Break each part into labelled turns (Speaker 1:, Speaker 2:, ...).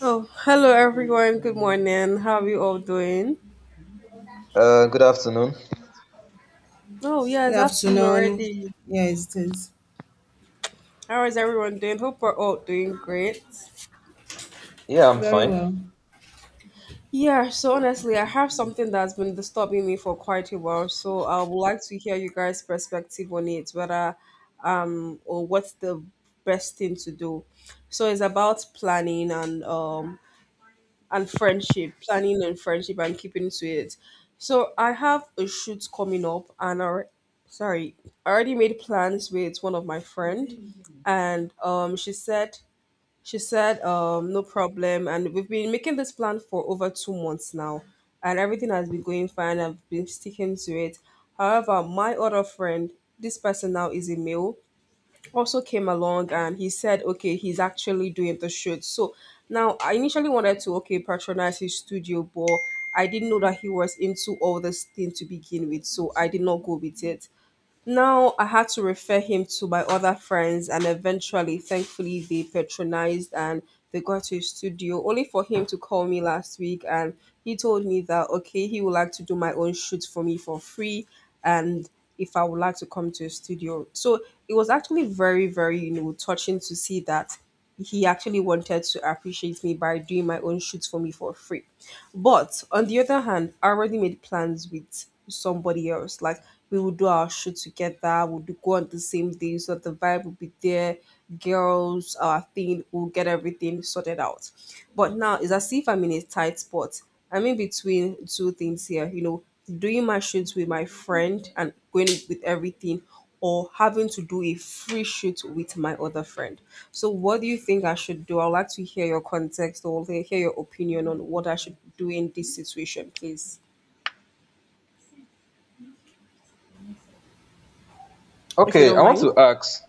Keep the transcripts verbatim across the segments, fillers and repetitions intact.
Speaker 1: Oh, hello everyone. Good morning. How are you all doing?
Speaker 2: Uh, good afternoon.
Speaker 1: Oh, yeah,
Speaker 3: Good
Speaker 1: it's afternoon
Speaker 3: afternoon.
Speaker 1: already.
Speaker 3: Yeah, it is.
Speaker 1: How is everyone doing? Hope we're all doing great.
Speaker 2: Yeah, I'm
Speaker 3: Very
Speaker 2: fine.
Speaker 3: well.
Speaker 1: Yeah, so honestly, I have something that's been disturbing me for quite a while. So I would like to hear you guys' perspective on it, whether or what's the best thing to do. So it's about planning and um and friendship, planning and friendship and keeping to it. So I have a shoot coming up and I sorry, I already made plans with one of my friend, and um she said she said um no problem, and we've been making this plan for over two months now, and everything has been going fine. I've been sticking to it. However, my other friend, this person now is a male, also came along, and he said, okay, he's actually doing the shoot. So now I initially wanted to, okay, patronize his studio, but I didn't know that he was into all this thing to begin with. So I did not go with it. Now I had to refer him to my other friends, and eventually, thankfully, they patronized and they got to his studio. Only for him to call me last week, and he told me that, okay, he would like to do my own shoot for me for free, and if I would like to come to his studio. So it was actually very, very you know touching to see that he actually wanted to appreciate me by doing my own shoots for me for free. But on the other hand, I already made plans with somebody else. Like, we would do our shoot together. We'll do, go on the same day, so the vibe will be there, girls, our thing, we'll get everything sorted out. But now it's as if I'm in a tight spot. I'm in between two things here, you know, doing my shoots with my friend and going with everything, or having to do a free shoot with my other friend. So, what do you think I should do? I'd like to hear your context or hear your opinion on what I should do in this situation, please. If you
Speaker 2: Okay, I
Speaker 1: don't
Speaker 2: want to
Speaker 1: mind.
Speaker 2: ask.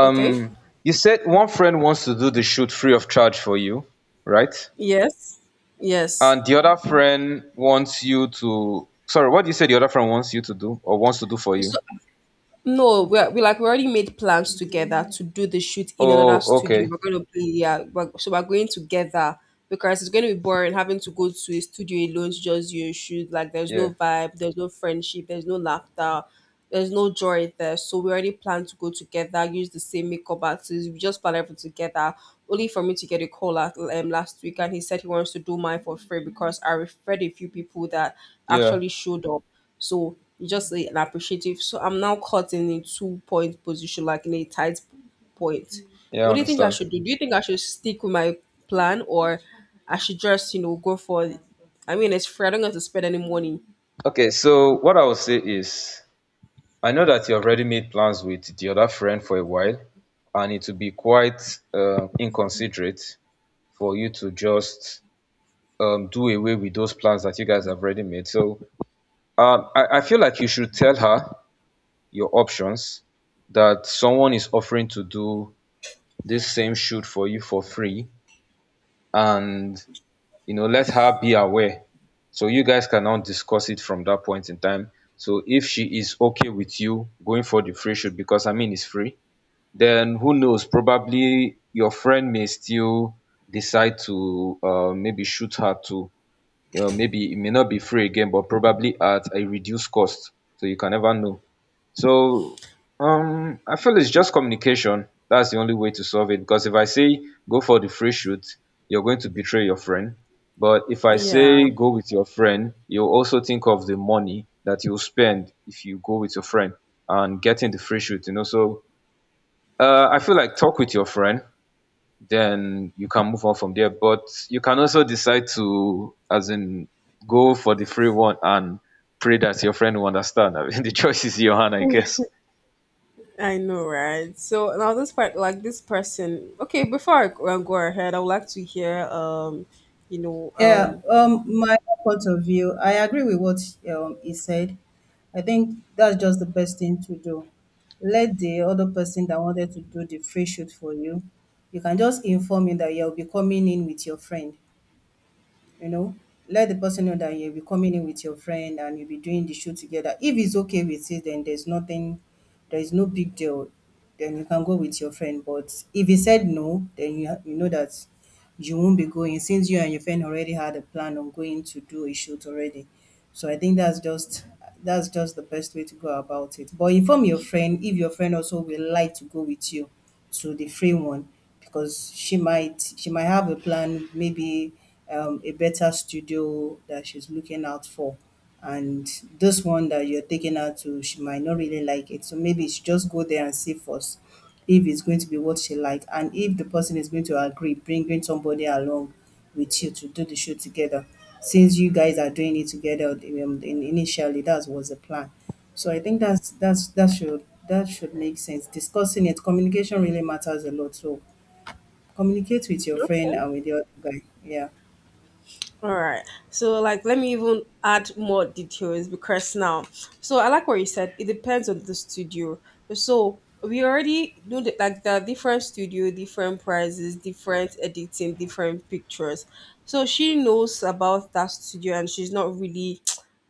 Speaker 1: Okay.
Speaker 2: you said one friend wants to do the shoot free of charge for you, right?
Speaker 1: Yes. Yes.
Speaker 2: And the other friend wants you to. Sorry, what do you say the other friend wants you to do or wants to do for you?
Speaker 1: So, no, we we like, we already made plans together. Mm. To do the shoot in another
Speaker 2: Oh,
Speaker 1: studio.
Speaker 2: okay.
Speaker 1: We're gonna be yeah, we're, so we're going together, because it's gonna be boring having to go to a studio alone to just do a shoot. Like, there's
Speaker 2: Yeah,
Speaker 1: no vibe, there's no friendship, there's no laughter, there's no joy there. So we already plan to go together, use the same makeup artist. We just plan everything together. Only for me to get a call at, um, last week, and he said he wants to do mine for free because I referred a few people that
Speaker 2: yeah,
Speaker 1: actually showed up. So it's just a- an appreciative. So I'm now caught in a two point position, like in a tight point. So
Speaker 2: yeah, I
Speaker 1: what do you think I
Speaker 2: understand.
Speaker 1: should do? Do you think I should stick with my plan, or I should just, you know, go for it? I mean, it's free. I don't have to spend any money.
Speaker 2: Okay, so what I will say is I know that you have already made plans with the other friend for a while, and it will be quite uh, inconsiderate for you to just um, do away with those plans that you guys have already made. So um, I, I feel like you should tell her your options that someone is offering to do this same shoot for you for free, and you know, let her be aware, so you guys can now discuss it from that point in time. So if she is okay with you going for the free shoot, because I mean it's free, then who knows, probably your friend may still decide to uh, maybe shoot her too. You know, maybe it may not be free again, but probably at a reduced cost. So you can never know. So um, I feel it's just communication. That's the only way to solve it. Because if I say go for the free shoot, you're going to betray your friend. But if I
Speaker 1: Yeah.
Speaker 2: say go with your friend, you'll also think of the money that you'll spend if you go with your friend and getting the free shoot, you know. So uh, I feel like talk with your friend, then you can move on from there. But you can also decide to, as in, go for the free one and pray that your friend will understand. I mean, the choice is in your hand, I guess.
Speaker 1: I know, right? So now this part, like, this person. Okay, before I go uh, go ahead, I would like to hear, um, you know,
Speaker 3: Yeah,
Speaker 1: um,
Speaker 3: um, my point of view, I agree with what um, he said. I think that's just the best thing to do. Let the other person that wanted to do the free shoot for you, you can just inform him that you'll be coming in with your friend. you know Let the person know that you'll be coming in with your friend and you'll be doing the show together. If it's okay with it, then there's nothing, there is no big deal, then you can go with your friend. But if he said no, then you, ha- you know that you won't be going, since you and your friend already had a plan on going to do a shoot already. So I think that's just that's just the best way to go about it. But inform your friend if your friend also will like to go with you to the free one, because she might she might have a plan, maybe um, a better studio that she's looking out for, and this one that you're taking her to, she might not really like it. So maybe she just go there and see first if it's going to be what she like, and if the person is going to agree, bringing somebody along with you to do the shoot together. Since you guys are doing it together, um, in, initially, that was the plan. So I think that's that's that should that should make sense. Discussing it, communication really matters a lot. So communicate with your friend
Speaker 1: Okay.
Speaker 3: and with the other guy. Yeah.
Speaker 1: All right. So, like, let me even add more details, because now so I like what you said. It depends on the studio. So we already know that, like, there are different studio, different prices, different editing, different pictures. So she knows about that studio, and she's not really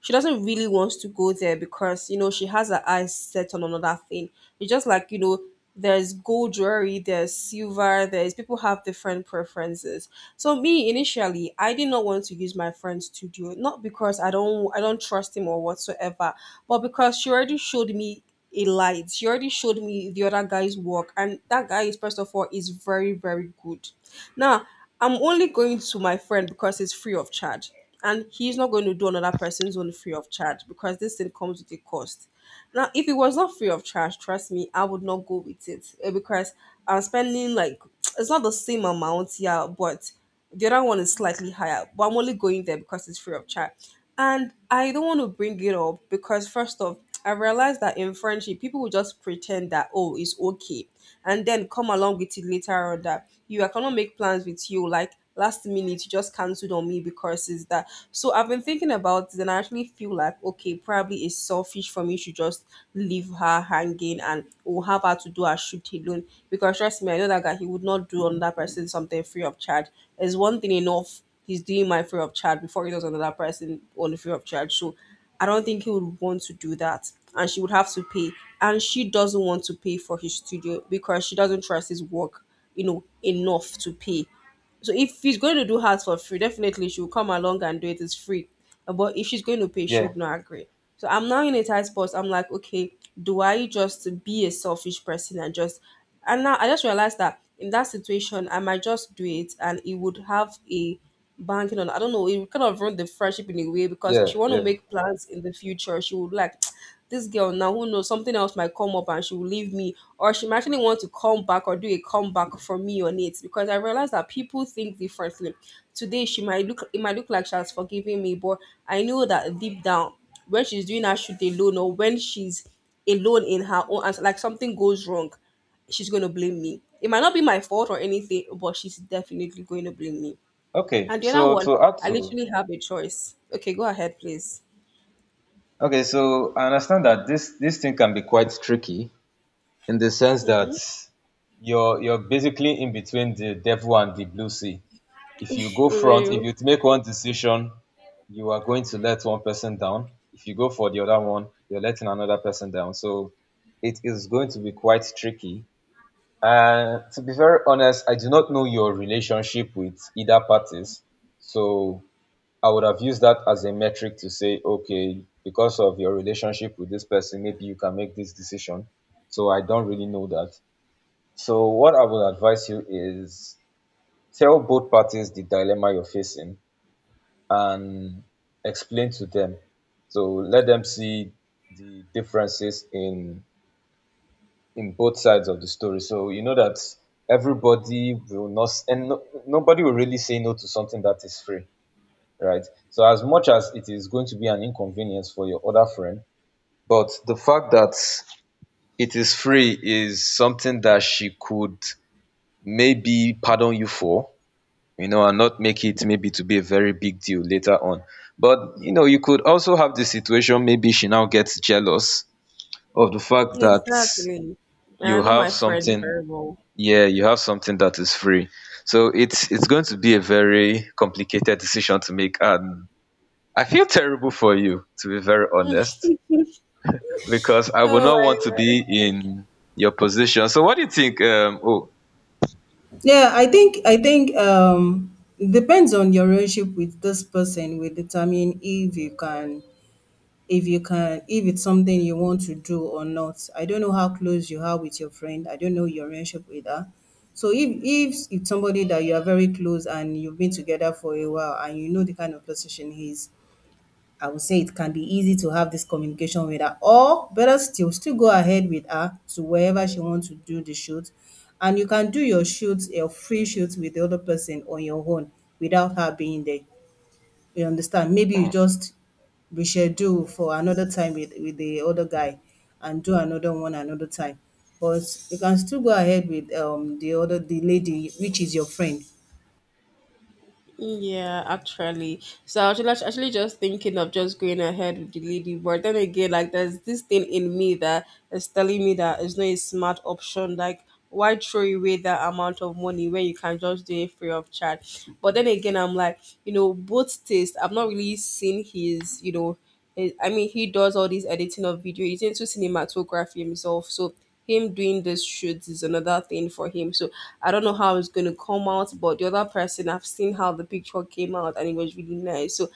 Speaker 1: she doesn't really want to go there because you know she has her eyes set on another thing. It's just, like, you know, there's gold jewelry, there's silver, there's people have different preferences. So me initially, I did not want to use my friend's studio, not because I don't I don't trust him or whatsoever, but because she already showed me a light. She already showed me the other guy's work, and that guy is first of all is very, very good. Now, I'm only going to my friend because it's free of charge. And he's not going to do another person's own free of charge because this thing comes with a cost. Now, if it was not free of charge, trust me, I would not go with it, eh, because I'm spending like it's not the same amount, yeah, but the other one is slightly higher, but I'm only going there because it's free of charge. And I don't want to bring it up, because first off, I realized that in friendship, people will just pretend that, oh, it's okay, and then come along with it later on that you I cannot make plans with you, like, last minute you just cancelled on me because it's that. So I've been thinking about it, and I actually feel like, okay, probably it's selfish for me to just just leave her hanging and will have her to do her shoot alone. Because trust me, I know that guy, he would not do another person something free of charge. There's one thing enough he's doing my free of charge before he does another person on the free of charge. So I don't think he would want to do that. And she would have to pay. And she doesn't want to pay for his studio because she doesn't trust his work, you know, enough to pay. So if he's going to do hers for free, definitely she'll come along and do it. It's free. Uh, But if she's going to pay, she
Speaker 2: Yeah,
Speaker 1: would not agree. So I'm now in a tight spot. I'm like, okay, do I just be a selfish person, and just and now I just realized that, in that situation, I might just do it, and it would have a banking on. I don't know. It kind of ruined the friendship in a way, because if
Speaker 2: yeah,
Speaker 1: she want to
Speaker 2: yeah.
Speaker 1: make plans in the future, she would like this girl now. Who knows? Something else might come up and she will leave me, or she might actually want to come back or do a comeback for me on it. Because I realized that people think differently. Today she might look. It might look like she has forgiven me, but I know that deep down, when she's doing her shoot alone, or when she's alone in her own, and like something goes wrong, she's going to blame me. It might not be my fault or anything, but she's definitely going to blame me.
Speaker 2: Okay,
Speaker 1: And the other
Speaker 2: so
Speaker 1: one,
Speaker 2: to add
Speaker 1: I
Speaker 2: to
Speaker 1: literally have a choice. Okay, go ahead, please.
Speaker 2: okay, so I understand that this this thing can be quite tricky in the sense that you're you're basically in between the devil and the blue sea. If you go front, if
Speaker 1: Real.
Speaker 2: you make one decision, you are going to let one person down. If you go for the other one, you're letting another person down. So it is going to be quite tricky. And to be very honest, I do not know your relationship with either parties. So I would have used that as a metric to say, okay, because of your relationship with this person, maybe you can make this decision. So I don't really know that. So what I would advise you is tell both parties the dilemma you're facing and explain to them. So let them see the differences in in both sides of the story. So you know that everybody will not s- and no, nobody will really say no to something that is free, right? So as much as it is going to be an inconvenience for your other friend, but the fact that it is free is something that she could maybe pardon you for, you know, and not make it maybe to be a very big deal later on. But you know, you could also have the situation maybe she now gets jealous of the fact that
Speaker 1: Exactly. And I
Speaker 2: you
Speaker 1: know
Speaker 2: have
Speaker 1: my friend
Speaker 2: something,
Speaker 1: very well.
Speaker 2: yeah, you have something that is free. So it's it's going to be a very complicated decision to make, and I feel terrible for you, to be very honest, because I would
Speaker 1: Oh
Speaker 2: not
Speaker 1: my
Speaker 2: want to
Speaker 1: gosh.
Speaker 2: be in your position. So what do you think? Um, oh,
Speaker 3: Yeah, I think I think um it depends on your relationship with this person, will determine if you can, if you can if it's something you want to do or not. I don't know how close you are with your friend. I don't know your relationship with her. So if if it's somebody that you are very close and you've been together for a while and you know the kind of person he is, I would say it can be easy to have this communication with her, or better still, still go ahead with her to wherever she wants to do the shoot. And you can do your shoots, your free shoots with the other person on your own without her being there. You understand? Maybe you just reschedule for another time with, with the other guy and do another one another time. But you can still go ahead with um the other, the lady, which is your friend.
Speaker 1: Yeah, actually. So I was just- actually just thinking of just going ahead with the lady, but then again, like, there's this thing in me that is telling me that it's not a smart option. Like, why throw away that amount of money when you can just do it free of charge? But then again, I'm like, you know, both taste. I've not really seen his, you know, it- I mean, he does all these editing of video. He's into cinematography himself, so him doing this shoots is another thing for him. So I don't know how it's going to come out, but the other person, I've seen how the picture came out, and it was really nice. So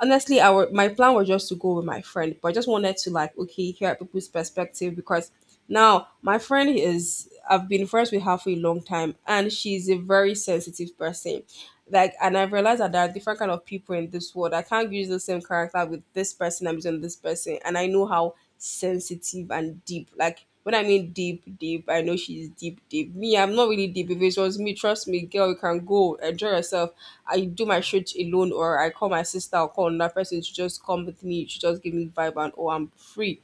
Speaker 1: honestly, our my plan was just to go with my friend, but I just wanted to, like, okay, hear people's perspective, because now my friend is I've been friends with her for a long time, and she's a very sensitive person. Like, and I've realized that there are different kind of people in this world. I can't use the same character with this person I'm using this person, and I know how sensitive and deep. Like, when I mean deep, deep, I know she's deep, deep. Me, I'm not really deep. If it was me, trust me, girl, you can go enjoy yourself. I do my shit alone, or I call my sister or call another person to just come with me. She just give me vibe, and, oh, I'm free,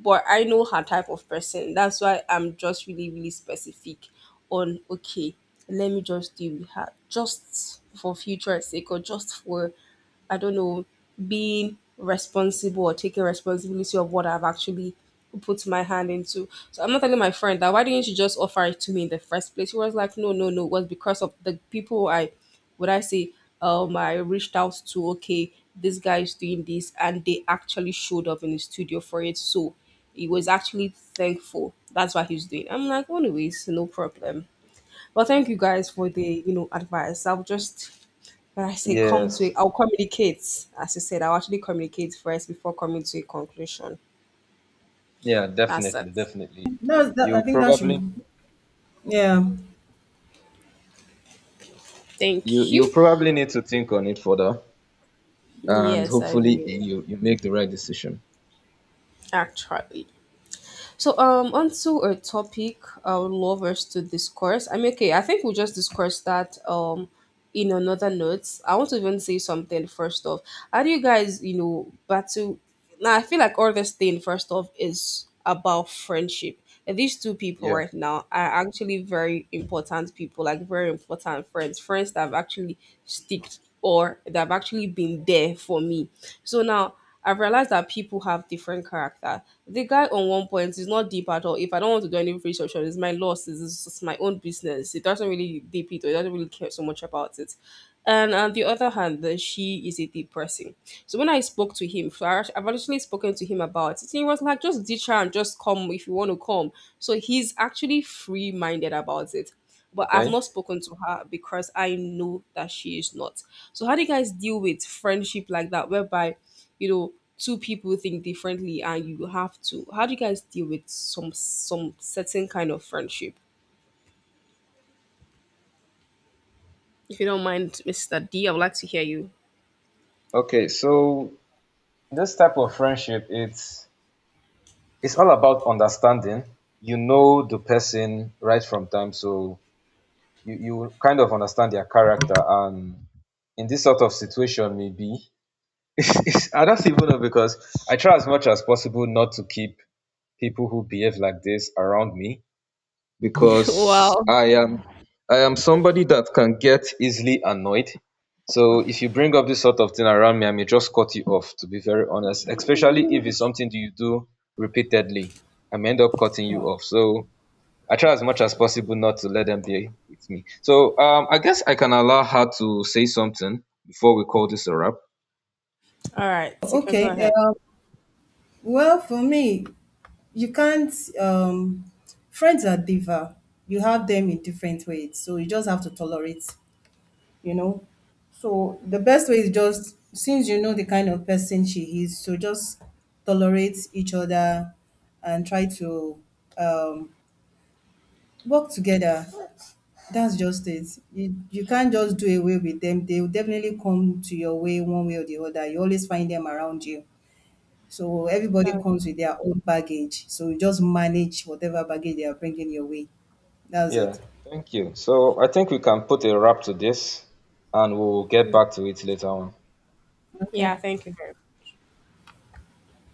Speaker 1: but I know her type of person. That's why I'm just really, really specific on, okay, let me just deal with her just for future sake or just for I don't know, being responsible, or taking responsibility of what I've actually put my hand into. So I'm not telling my friend that why didn't you just offer it to me in the first place? She was like, no, no, no, it was because of the people I, would I say, um, I reached out to. Okay, this guy is doing this, and they actually showed up in the studio for it. So he was actually thankful. That's what he's doing. I'm like, anyways, no problem. But thank you guys for the you know advice. I'll just but I say, come to
Speaker 2: yes,
Speaker 1: a, I'll communicate. As you said, I'll actually communicate first before coming to a conclusion.
Speaker 2: yeah,
Speaker 1: That's
Speaker 2: definitely,
Speaker 1: it.
Speaker 2: definitely.
Speaker 3: No, that, I
Speaker 2: You
Speaker 3: think that should,
Speaker 2: probably
Speaker 3: yeah.
Speaker 2: You
Speaker 1: Thank
Speaker 2: you
Speaker 1: you.
Speaker 2: probably need to think on it further, and
Speaker 1: Yes, I
Speaker 2: hopefully
Speaker 1: will.
Speaker 2: you you make the right decision.
Speaker 1: Actually. So, um onto a topic I would love us to discuss. I mean, okay, I think we'll just discuss that um in another notes. I want to even say something first off. How do you guys, you know, battle now I feel like all this thing first off is about friendship. And these two people
Speaker 2: Yeah.
Speaker 1: right now are actually very important people, like, very important friends, friends that have actually sticked or that have actually been there for me. So now I've realized that people have different character. The guy on one point is not deep at all. If I don't want to do any research on it, it's my losses. It's, it's my own business. It doesn't really deep it or it doesn't really care so much about it. And on the other hand, then she is a deep person. So when I spoke to him, so I act- I've actually spoken to him about it. He was like, just ditch her and just come if you want to come. So he's actually free minded about it. But I've
Speaker 2: Okay.
Speaker 1: not spoken to her because I know that she is not. So how do you guys deal with friendship like that, whereby you know two people think differently, and you have to how do you guys deal with some some certain kind of friendship, if you don't mind, Mr. D, I would like to hear you.
Speaker 2: Okay. So this type of friendship, it's it's all about understanding. You know the person right from time, so you you kind of understand their character, and in this sort of situation, maybe it's, it's, I don't even know, because I try as much as possible not to keep people who behave like this around me,
Speaker 1: Wow.
Speaker 2: because
Speaker 1: All
Speaker 2: I am I am somebody that can get easily annoyed. So if you bring up this sort of thing around me, I may just cut you off. To be very honest, especially if it's something that you do repeatedly, I may end up cutting you
Speaker 3: Wow.
Speaker 2: off. So I try as much as possible not to let them be with me. So um, I guess I can allow her to say something before we call this a wrap.
Speaker 1: right, so you can
Speaker 3: Okay.
Speaker 1: go ahead.
Speaker 3: Uh, well, for me, you can't, um friends are diva, you have them in different ways, so you just have to tolerate, you know, so the best way is, just since you know the kind of person she is, so just tolerate each other and try to um work together. That's just it. You, you can't just do away with them. They will definitely come to your way one way or the other. You always find them around you, so everybody
Speaker 1: That-
Speaker 3: comes with their own baggage. So you just manage whatever baggage they are bringing your way. That's
Speaker 2: Yeah,
Speaker 3: it.
Speaker 2: thank you. So I think we can put a wrap to this, and we'll get back to it later on.
Speaker 3: Okay.
Speaker 1: yeah, thank you very